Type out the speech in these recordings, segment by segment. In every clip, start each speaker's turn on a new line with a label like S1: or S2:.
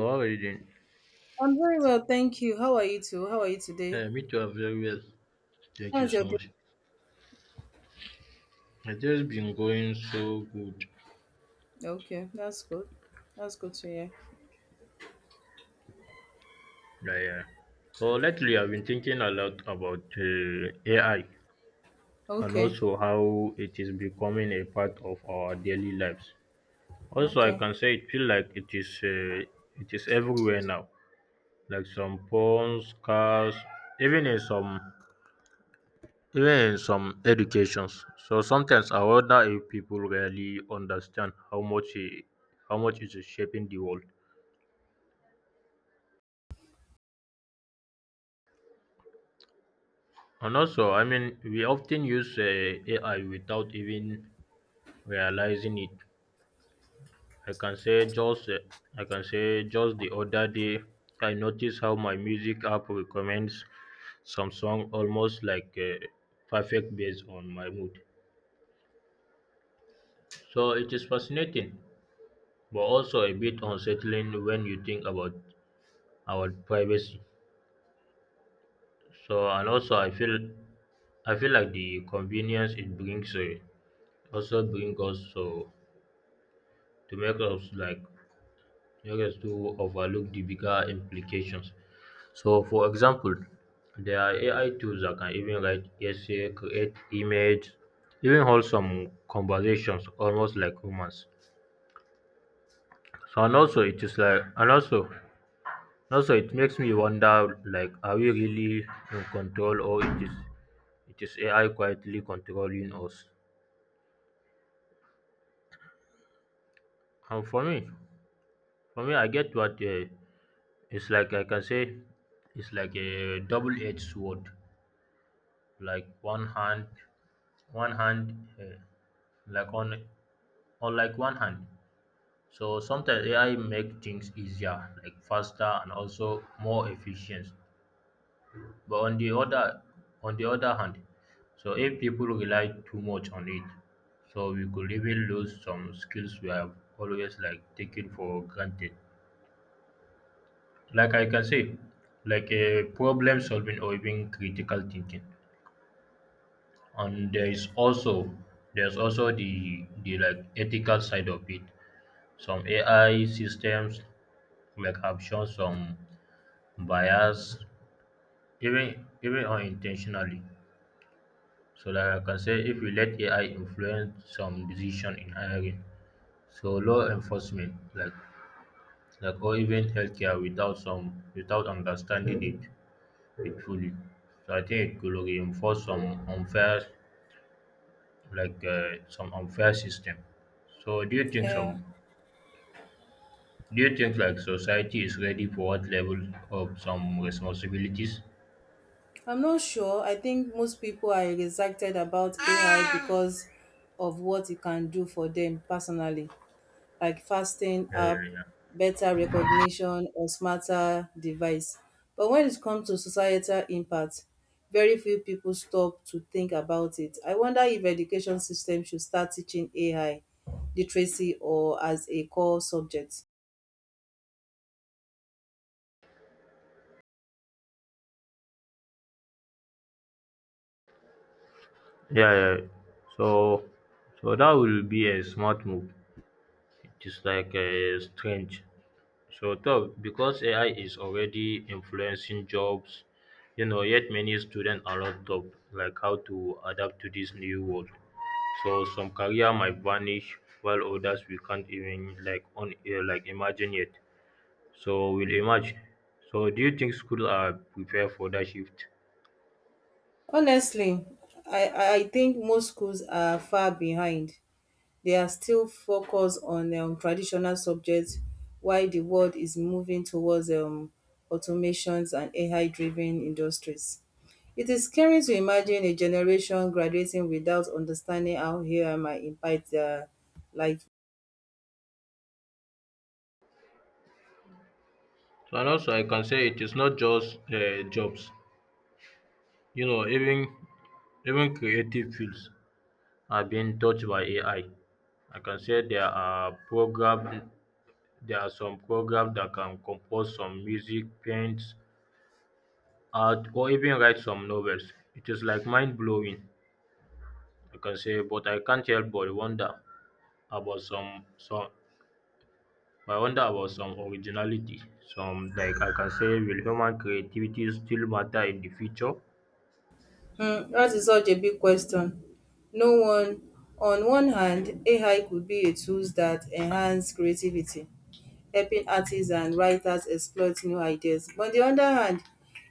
S1: How are you?
S2: I'm very well, thank you. How are you too? How are you today?
S1: Me too, I'm very well. Thank you
S2: How's your
S1: so
S2: day?
S1: much. It's just been going so good.
S2: Okay, that's good. That's good to hear.
S1: Yeah, yeah. So lately, I've been thinking a lot about AI and
S2: Okay.
S1: also how it is becoming a part of our daily lives. Also, I
S2: Okay.
S1: can say it feel like it is everywhere now, like some phones, cars, even in some even in some educations. So sometimes I wonder if people really understand how much how much is shaping the world. And also, I mean, we often use AI without even realizing it. I can say just uh, I can say just the other day I noticed how my music app recommends some song almost like perfect based on my mood. So it is fascinating, but also a bit unsettling when you think about our privacy. So and also I feel like the convenience it brings also bring us so to make us like make us to overlook the bigger implications. So for example, there are AI tools that can even write essay, create image, even hold some conversations almost like humans. So and also it is like and also also it makes me wonder like are we really in control or it is AI quietly controlling us? Um, for me, for me, I get what it's like. I can say it's like a double-edged sword. Like one hand, like on like one hand. So sometimes AI make things easier, like faster and also more efficient. But on the other hand, so if people rely too much on it, so we could even lose some skills we have always like taken for granted. Like I can say, like a problem solving or even critical thinking. And there is also there's also the like ethical side of it. Some AI systems like have shown some bias, even unintentionally. So like I can say, if we let AI influence some decision in hiring, so law enforcement like or even healthcare without some without understanding it it will so I think it will reinforce some unfair some unfair system so do you think
S2: Yeah.
S1: some do you think like society is ready for what level of some responsibilities?
S2: I'm not sure. I think most people are excited about AI because of what it can do for them personally. Like fasting
S1: yeah
S2: app,
S1: yeah yeah
S2: better recognition or smarter device. But when it comes to societal impact, very few people stop to think about it. I wonder if education system should start teaching AI literacy or as a core subject.
S1: yeah, yeah. So so that will be a smart move. It is like a strange. So Toh, because AI is already influencing jobs, you know, yet many students are locked up, like how to adapt to this new world. So some career might vanish, while others we can't even like imagine yet. So we'll emerge. So do you think schools are prepared for that shift?
S2: Honestly, I think most schools are far behind. They are still focused on traditional subjects while the world is moving towards automations and AI driven industries. It is scary to imagine a generation graduating without understanding how AI might impact their life.
S1: So and also I can say it is not just jobs. You know, even creative fields are being touched by AI. I can say there are program There are some programs that can compose some music, paint, art, or even write some novels. It is like mind blowing, I can say, but I can't help but wonder about some I wonder about some originality. Some like I can say will human creativity still matter in the future?
S2: Hmm, that is such a big question. No one, on one hand, AI could be a tool that enhance creativity, helping artists and writers exploit new ideas. But on the other hand,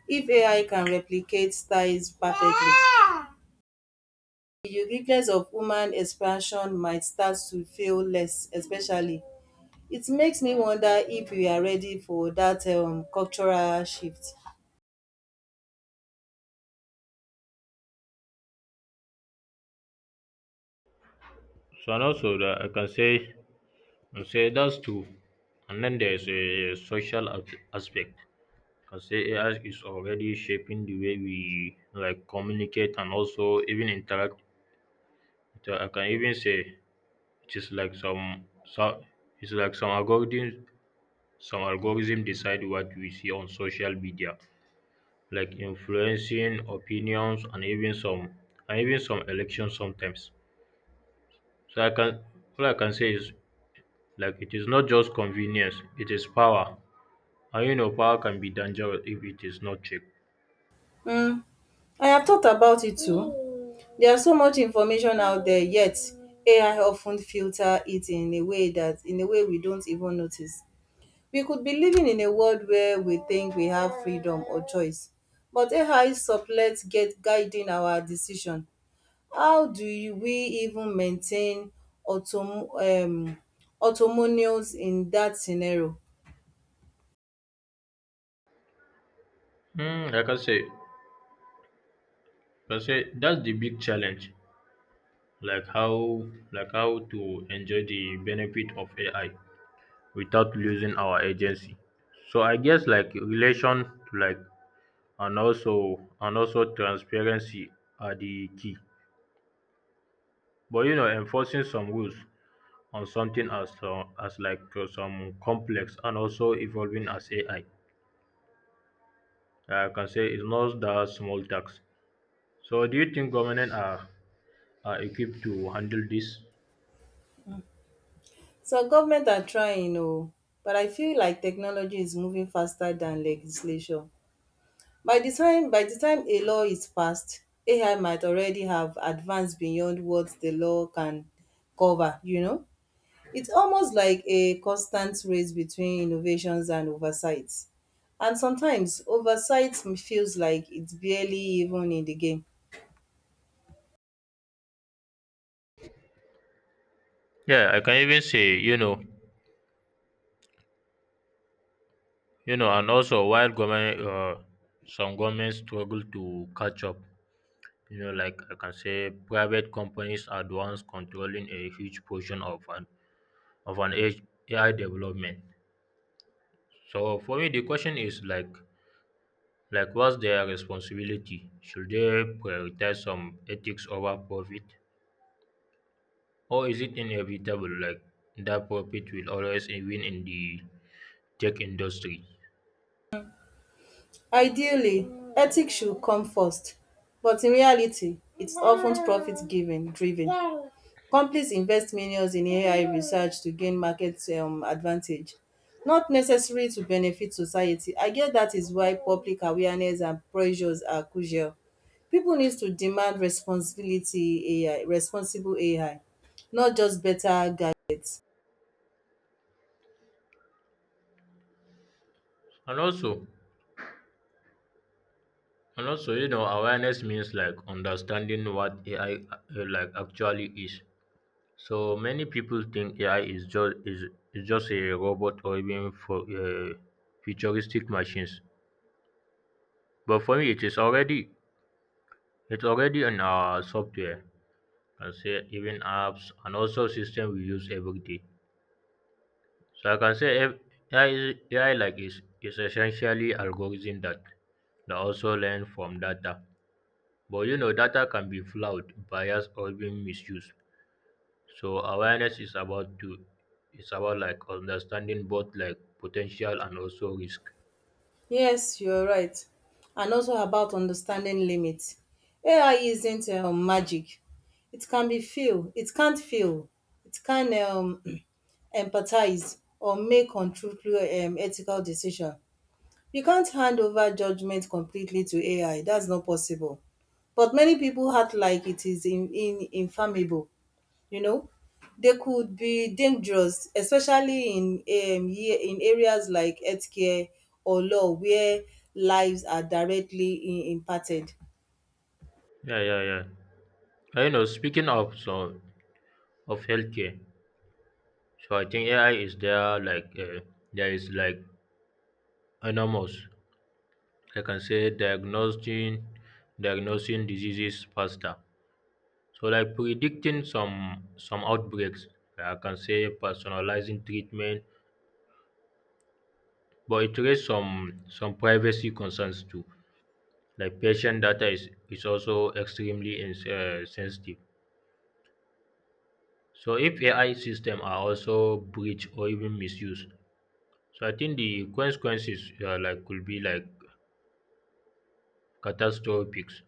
S2: if AI can replicate styles perfectly, the uniqueness of human expression might start to feel less, especially. It makes me wonder if we are ready for that cultural shift.
S1: So and also that I can say I say that's true. And then there's a aspect. I can say AI is already shaping the way we like communicate and also even interact. So I can even say it is like some so it's like some algorithm decide what we see on social media, like influencing opinions and even some elections sometimes. So I can all I can say is like it is not just convenience, it is power. And you know power can be dangerous if it is not checked.
S2: Um I have thought about it too. There's so much information out there yet AI often filter it in a way that in a way we don't even notice. We could be living in a world where we think we have freedom or choice, but AI sublet get guiding our decision. We even maintain autom autonomous in that scenario?
S1: Hmm, like I say that's the big challenge. Like how like how to enjoy the benefit of AI without losing our agency. So I guess like relation like and also transparency are the key. But you know enforcing some rules on something as some complex and also evolving as ai i. Like, I can say it's not that small tax. So do you think government are equipped to handle this?
S2: Some government are trying, oh, but I feel like technology is moving faster than legislation. By the time a law is passed, AI might already have advanced beyond what the law can cover, you know. It's almost like a constant race between innovations and oversight, and sometimes oversight feels like it's barely even in the game.
S1: Yeah I can even say you know and also while government some governments struggle to catch up, you know, like I can say private companies are the ones controlling a huge portion of of an H- ai development. So for me the question is like what's their responsibility? Should they prioritize some ethics over profit, or is it inevitable like that profit will always win in the tech industry?
S2: Ideally, ethics should come first, but in reality, it's often profit given driven. Companies invest millions in AI research to gain market advantage, not necessarily to benefit society. I get that is why public awareness and pressures are crucial. People needs to demand responsibility, AI responsible AI, not just better gadgets.
S1: And also you know awareness means like understanding what ai like actually is. So many people think AI is just a robot or even for futuristic machines. But for me, it's already in our software. I can say even apps and also system we use every day. So I can say ev- AI, is- AI like is essentially algorithm that also learn from data. But you know, data can be flawed, biased, or even misused. So awareness is about to It's about like understanding both like potential and also risk.
S2: Yes, you're right, and also about understanding limits. AI isn't magic. It can be feel. It can't feel. It can empathize or make control ethical decision. You can't hand over judgment completely to AI. That's not possible. But many people act like it is in infallible. You know, they could be dangerous, especially in in areas like healthcare or law where lives are directly impacted.
S1: Yeah, yeah, yeah. I know. Speaking of healthcare, so I think AI is there. Like there is like enormous. I can say diagnosing diseases faster. So like predicting some outbreaks. I can say personalizing treatment, but it raises some privacy concerns too. Like patient data is also extremely sensitive. So if ai system are also breached or even misused, so I think the consequences like could be like catastrophic.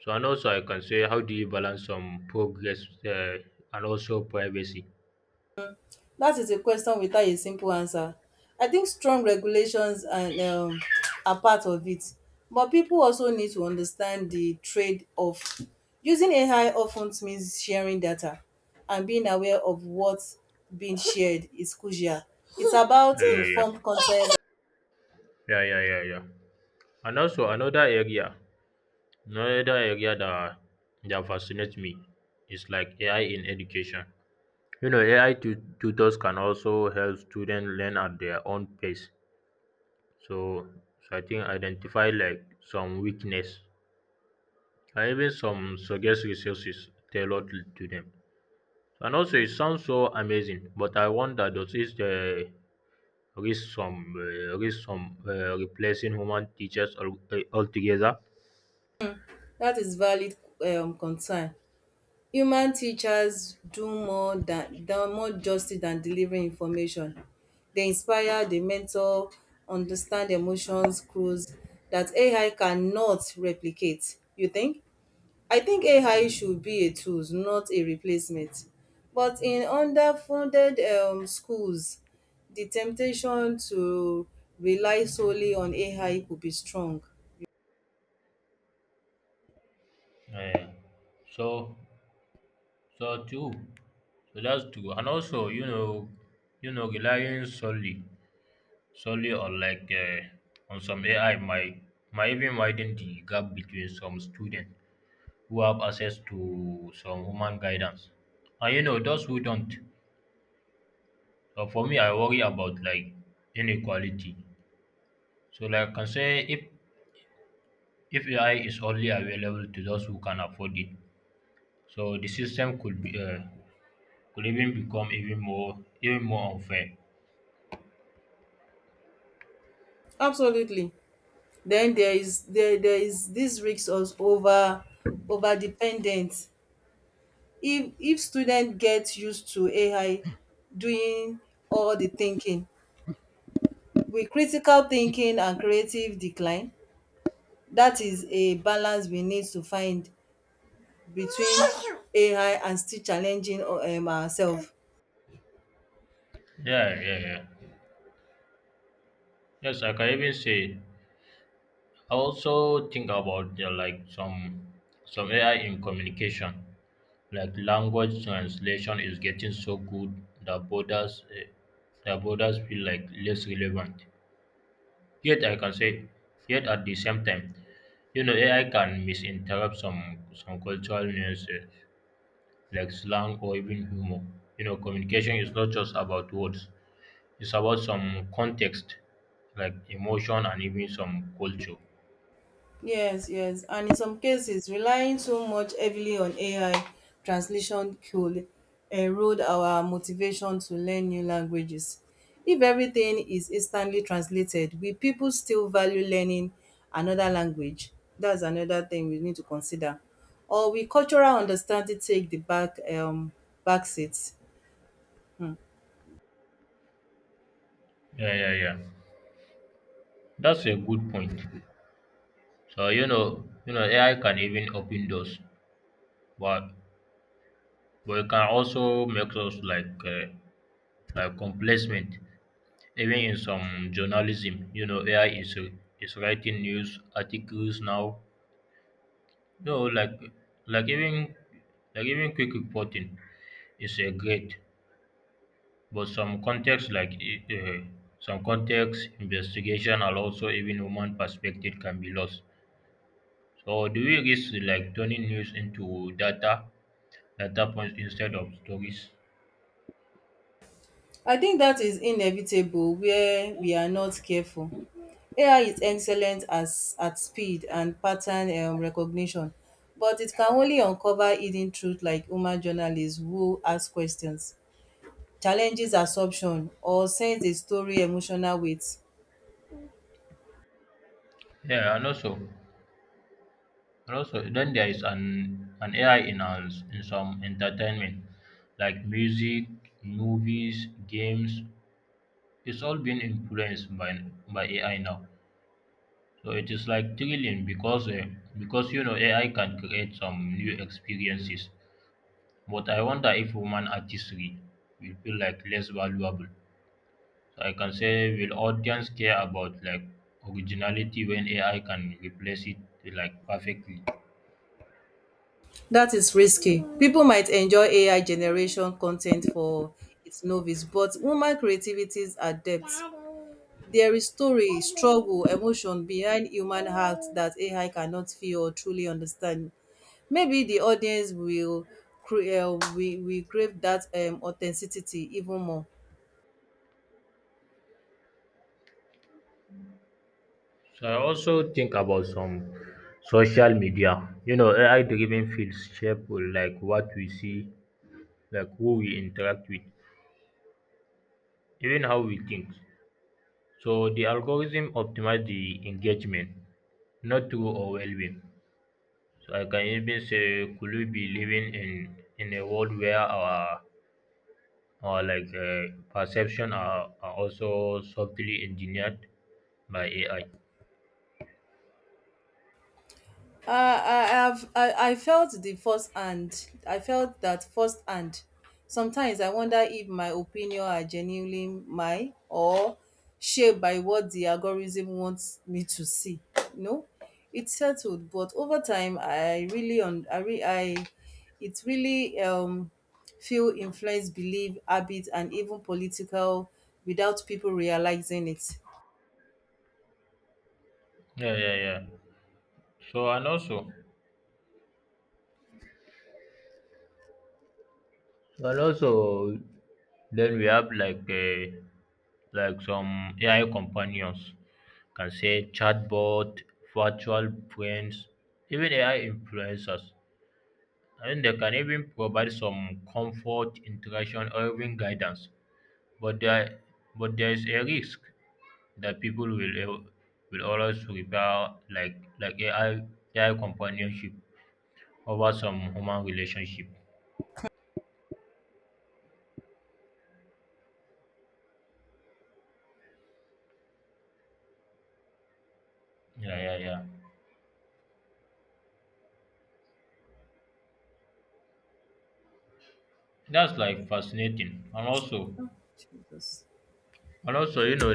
S1: So and also I can say how do you balance some progress and also privacy?
S2: That is a question without a simple answer. I think strong regulations and are part of it, but people also need to understand the trade-off. Using AI often means sharing data, and being aware of what's being shared is crucial. It's about
S1: yeah yeah
S2: informed consent.
S1: yeah yeah yeah yeah yeah And also another area that fascinates me is like ai in education. You know, tutors can also help students learn at their own pace. So, so, I think identify like some weakness and even some suggest resources tailored to them. And also, it sounds so amazing, but I wonder does it risk some replacing human teachers altogether?
S2: That is valid concern. Human teachers do more than more justice than delivering information. They inspire, they mentor, understand emotions, clues that AI cannot replicate. You think? I think AI should be a tool, not a replacement. But in underfunded schools, the temptation to rely solely on AI could be strong.
S1: Uh, so, so too. So that's true. And also, you know, relying solely on on some AI might even widen the gap between some students who have access to some human guidance and you know those who don't. So for me, I worry about like inequality. So like I can say if AI is only available to those who can afford it, so the system could be could even become even more unfair.
S2: Absolutely. Then there is this risk of over dependent. If student get used to AI doing all the thinking, with critical thinking and creative decline, that is a balance we need to find between AI and still challenging ourselves.
S1: Yeah, yeah, yeah. Yes, I can even say I also think about the, like some AI in communication, like language translation is getting so good that borders feel like less relevant. Yet I can say, yet at the same time, you know AI can misinterpret some cultural nuances like slang or even humor. You know, communication is not just about words; it's about some context, like emotion and even some culture.
S2: Yes, yes. And in some cases, relying so much heavily on AI translation could erode our motivation to learn new languages. If everything is instantly translated, will people still value learning another language? That's another thing we need to consider. Or will cultural understanding take the back seat? Hmm.
S1: Yeah, yeah, yeah. That's a good point. So you know, AI can even open doors, but but it can also make us like complacent. Even in some journalism, you know, AI is writing news articles now. You know, like even like even quick reporting is a great, but some context investigation and also even human perspective can be lost. So do we risk like turning news into data points instead of stories.
S2: I think that is inevitable where we are not careful. AI is excellent as at speed and pattern recognition, but it can only uncover hidden truth like human journalists who ask questions, challenges assumption or sends a story emotional weight.
S1: Yeah, and also, then there is an AI in our, in some entertainment, like music, movies, games. It's all been influenced by AI now. So it is like thrilling because you know AI can create some new experiences. But I wonder if human artistry will feel like less valuable. So I can say, will audience care about like originality when AI can replace it like perfectly?
S2: That is risky. People might enjoy AI generation content for its novice, but human creativity's adept. There is story, struggle, emotion behind human heart that AI cannot feel or truly understand. Maybe di audience will will crave dat authenticity even more.
S1: So I also think about some social media. You know, AI driven fields shape like what we see, like who we interact with, even how we think. So the algorithm optimize the engagement, not through overwhelming. So I can even say, could we be living in a world where our or like perception are also subtly engineered by AI.
S2: I have I felt the first hand. I felt that first hand. Sometimes I wonder if my opinion are genuinely mine or shaped by what the algorithm wants me to see. You know, it's settled, but over time, I really on I, re, I it really feel influence, belief, habit, and even political without people realizing it.
S1: Yeah, yeah, yeah. So and also, and also, then we have like some AI companions, can say chatbot, virtual friends, even AI influencers. I mean, they can even provide some comfort, interaction, or even guidance. But there, but there is a risk. That people will always prefer like AI companionship over some human relationship. Yeah, yeah, yeah. That's like fascinating,
S2: Oh, Jesus.
S1: and also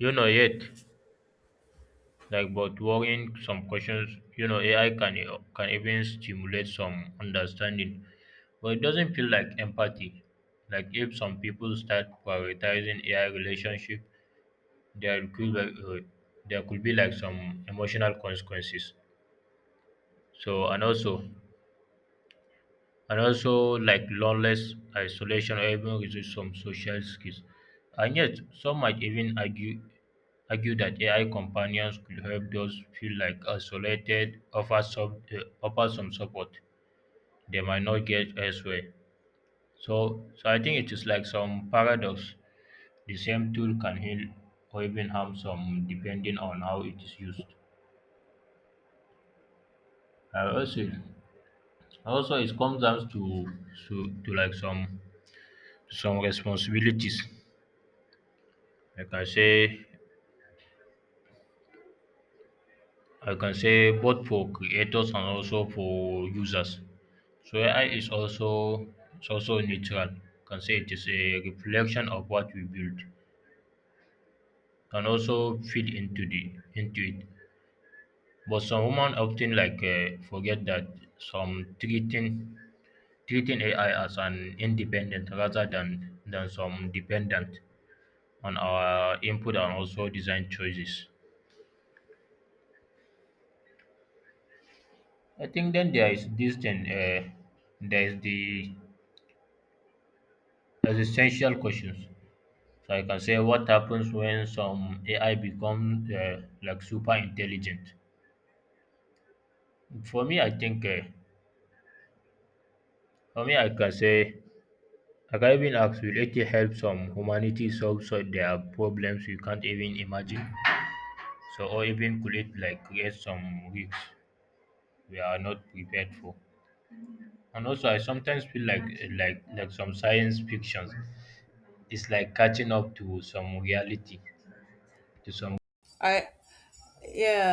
S1: you know yet like but worrying some questions. You know AI can even stimulate some understanding, but it doesn't feel like empathy. Like if some people start prioritizing AI relationship, there could be, uh, there could be like some emotional consequences. So and also like loneliness, isolation, or even resist some social skills. And yet some might even argue that AI companions could help those feel like isolated, offer some support they might not get elsewhere. So I think it is like some paradox. The same tool can heal or even harm some depending on how it is used. I also also it comes down to, to like some responsibilities. Like I can say both for creators and also for users. So AI is also neutral. Can say it is a reflection of what we build, can also feed into the into it. But some women often forget that some treating AI as an independent rather than some dependent on our input and also design choices. I think then there is this thing, there is the existential questions. So I can say what happens when some AI become like super intelligent. For me, I think uh, for me I can say I can even ask, will it help some humanity solve so their problems we can't even imagine? So or even could it like create some risks we are not prepared for? And also I sometimes feel like like some science fictions is like catching up to some reality to some
S2: I yeah.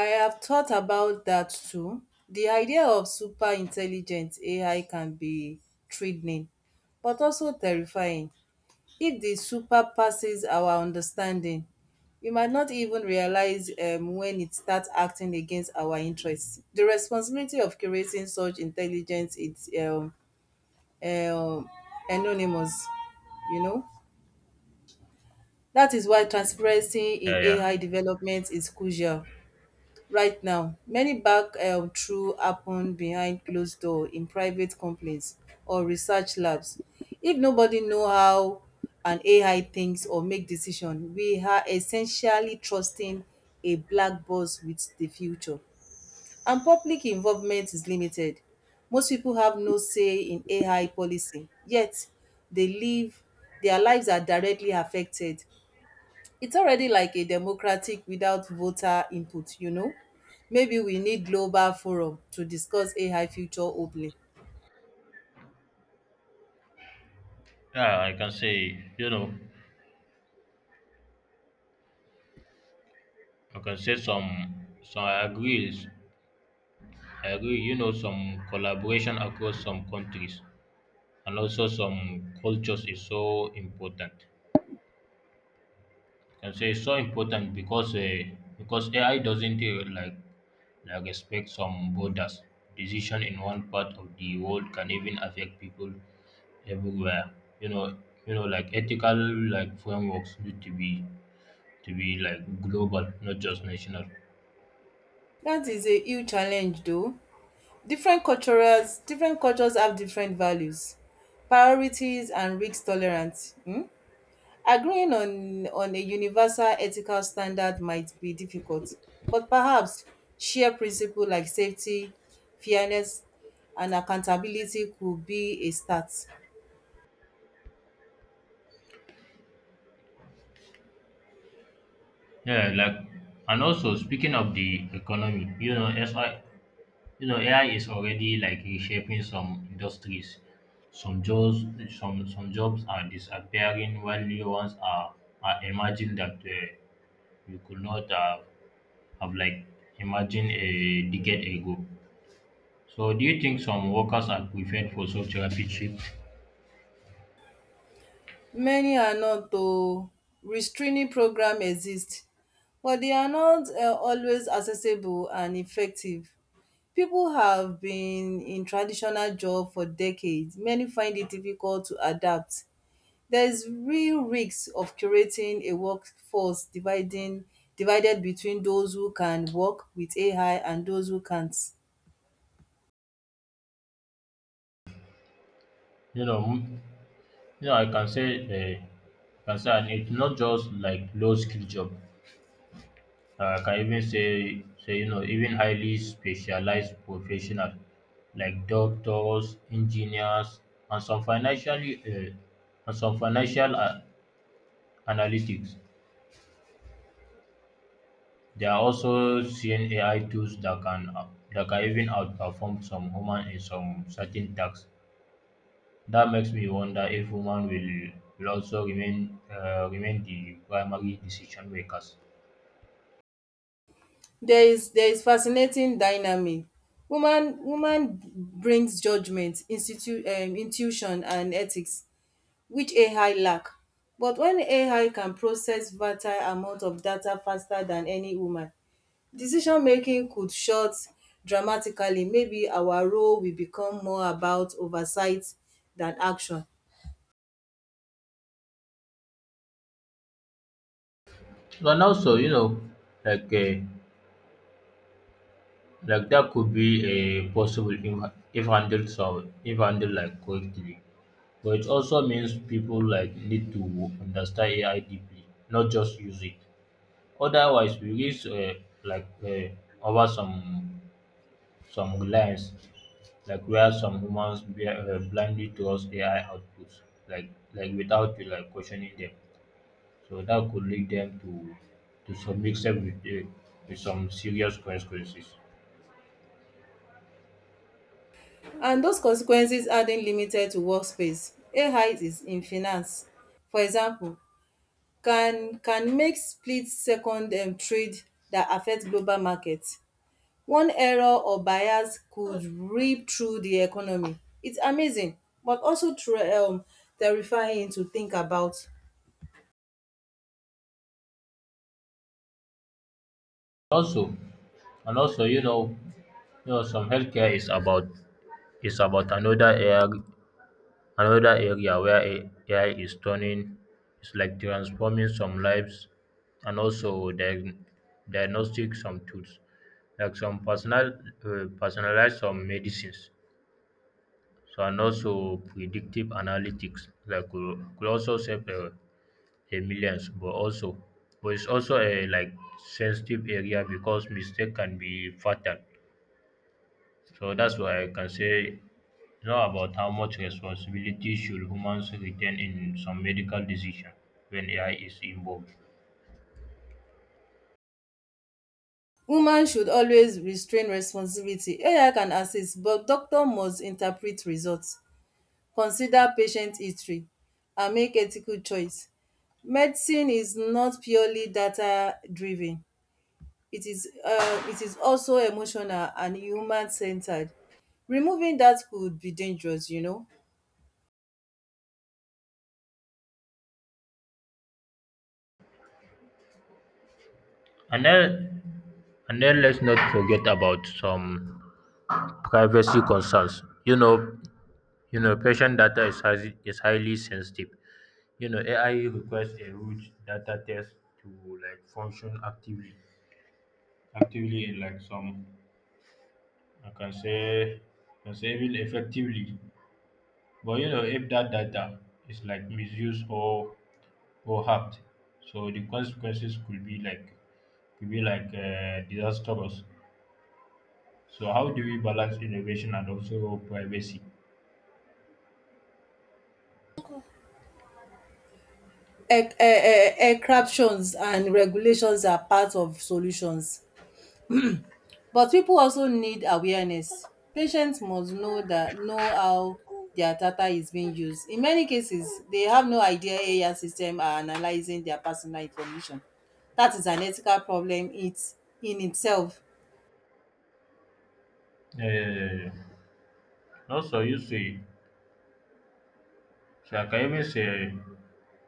S2: I have thought about that too. The idea of super intelligent AI can be threatening, but also terrifying. If the super passes our understanding, we might not even realize when it starts acting against our interests. The responsibility of creating such intelligence is um, anonymous, you know. That is why transparency in
S1: yeah, yeah,
S2: AI development is crucial. Right now, many back through happen behind closed door in private companies or research labs. If nobody know how an AI thinks or make decision, we are essentially trusting a black box with the future. And public involvement is limited. Most people have no say in AI policy, yet they live their lives are directly affected. It's already like a democratic without voter input, you know? Maybe we need global forum to discuss AI future openly.
S1: yeah. I can say you know I can say some I agree, you know, some collaboration across some countries and also some cultures is so important. I can say it's so important because AI doesn't like respect some borders. Decision in one part of the world can even affect people everywhere. You know you know like ethical like frameworks need to be like global, not just national.
S2: That is a huge challenge though. Different cultures have different values, priorities and risk tolerance. Agreeing on a universal ethical standard might be difficult, but perhaps shared principle like safety, fairness and accountability could be a start.
S1: Yeah, like, and also speaking of the economy, you know, SI, you know, AI is already like reshaping some industries. Some jobs, some jobs are disappearing, while new ones are emerging that you could not have like imagined a decade ago. So, do you think some workers are prepared for such rapid shift?
S2: Many are not though. Restraining program exist, but they are not always accessible and effective. People have been in traditional job for decades. Many find it difficult to adapt. There is real risk of curating a workforce dividing divided between those who can work with AI and those who can't.
S1: You know, m- you know, I can say, and it's not just like low skill job. Can even say you know even highly specialized professional like doctors, engineers, and some financial analytics. There are also seeing AI tools that can even outperform some human in some certain tasks. That makes me wonder if human will also remain the primary decision makers.
S2: There is fascinating dynamic. Woman brings judgment, institu intuition and ethics which AI lack. But when AI can process fertile amount of data faster than any woman, decision making could short dramatically. Maybe our role will become more about oversight than action.
S1: But also, you know, like. Uh, Like that could be a possible if, handled, if handled like correctly. But it also means people like need to understand AI deeply, not just use it. Otherwise, we risk like uh, over some reliance, like where some humans blindly trust AI outputs, like like without like questioning them. So that could lead them to some mix up with some serious consequences.
S2: And those consequences aren't limited to workspace. AI is in finance. For example, can make split-second trade that affect global markets. One error or bias could rip through the economy. It's amazing but also tre terrifying to think about.
S1: Also, also, you know, some healthcare is about another area where AI is turning, it's like transforming some lives and also diagnostic some tools, like some personalized some medicines, so and also predictive analytics like could also save a millions, but also but it's also a like sensitive area because mistake can be fatal. So that's why I can say, know about how much responsibility should humans retain in some medical decision when AI is involved.
S2: Woman should always restrain responsibility. AI can assist, but doctor must interpret results, consider patient history and make ethical choice. Medicine is not purely data driven. It is also emotional and human-centered. Removing that could be dangerous, you know.
S1: And then, and then let's not forget about some privacy concerns. You know, patient data is highly sensitive. You know, AI requires a huge data test to like function actively, actively in like some, I can say, even effectively. But you know, if that data is like misused or harmed. So the consequences could be like disastrous. So how do we balance innovation and also privacy?
S2: Exceptions and regulations are part of solutions, but people also need awareness. Patients must know that know how their data is being used. In many cases, they have no idea AI systems are analyzing their personal information. That is an ethical problem it in itself.
S1: Uh, also, you see, so I can even say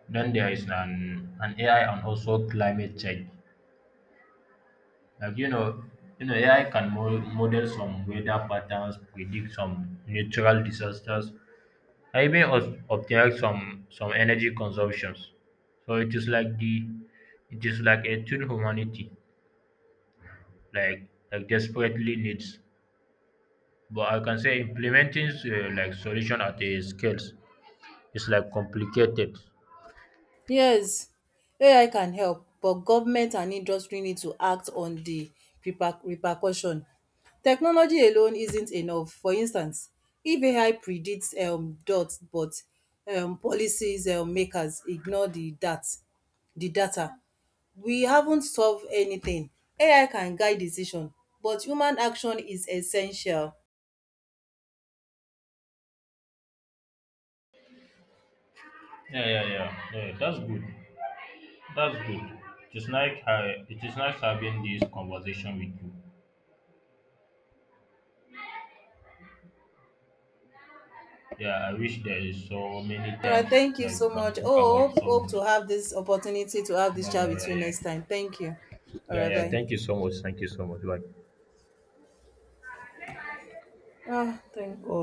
S1: then there is an AI and also climate change. Like you know, you know, AI can model some weather patterns, predict some natural disasters, and even ob optimize some energy consumptions. So it is like a tool humanity like desperately needs, but I can say implementing like solution at a scales is like complicated.
S2: Yes, AI can help but government and industry need to act on the repercussion. Technology alone isn't enough. For instance, if AI predicts dot but policies makers ignore the data, we haven't solve anything. AI can guide decision but human action is essential.
S1: Yeah, yeah, yeah, yeah, that's good. That's good. It is nice, it is nice having this conversation with you. Yeah, I wish there is so many
S2: Alright,
S1: times
S2: thank you
S1: that you
S2: so
S1: can
S2: much.
S1: talk about
S2: Oh,
S1: so
S2: hope
S1: much.
S2: to have this opportunity to have this
S1: Yeah,
S2: chat
S1: yeah,
S2: with
S1: yeah,
S2: you next
S1: yeah.
S2: time. Thank you.
S1: Yeah,
S2: Alright,
S1: yeah,
S2: bye.
S1: thank you so much, thank you so much, bye.
S2: Ah, thank God.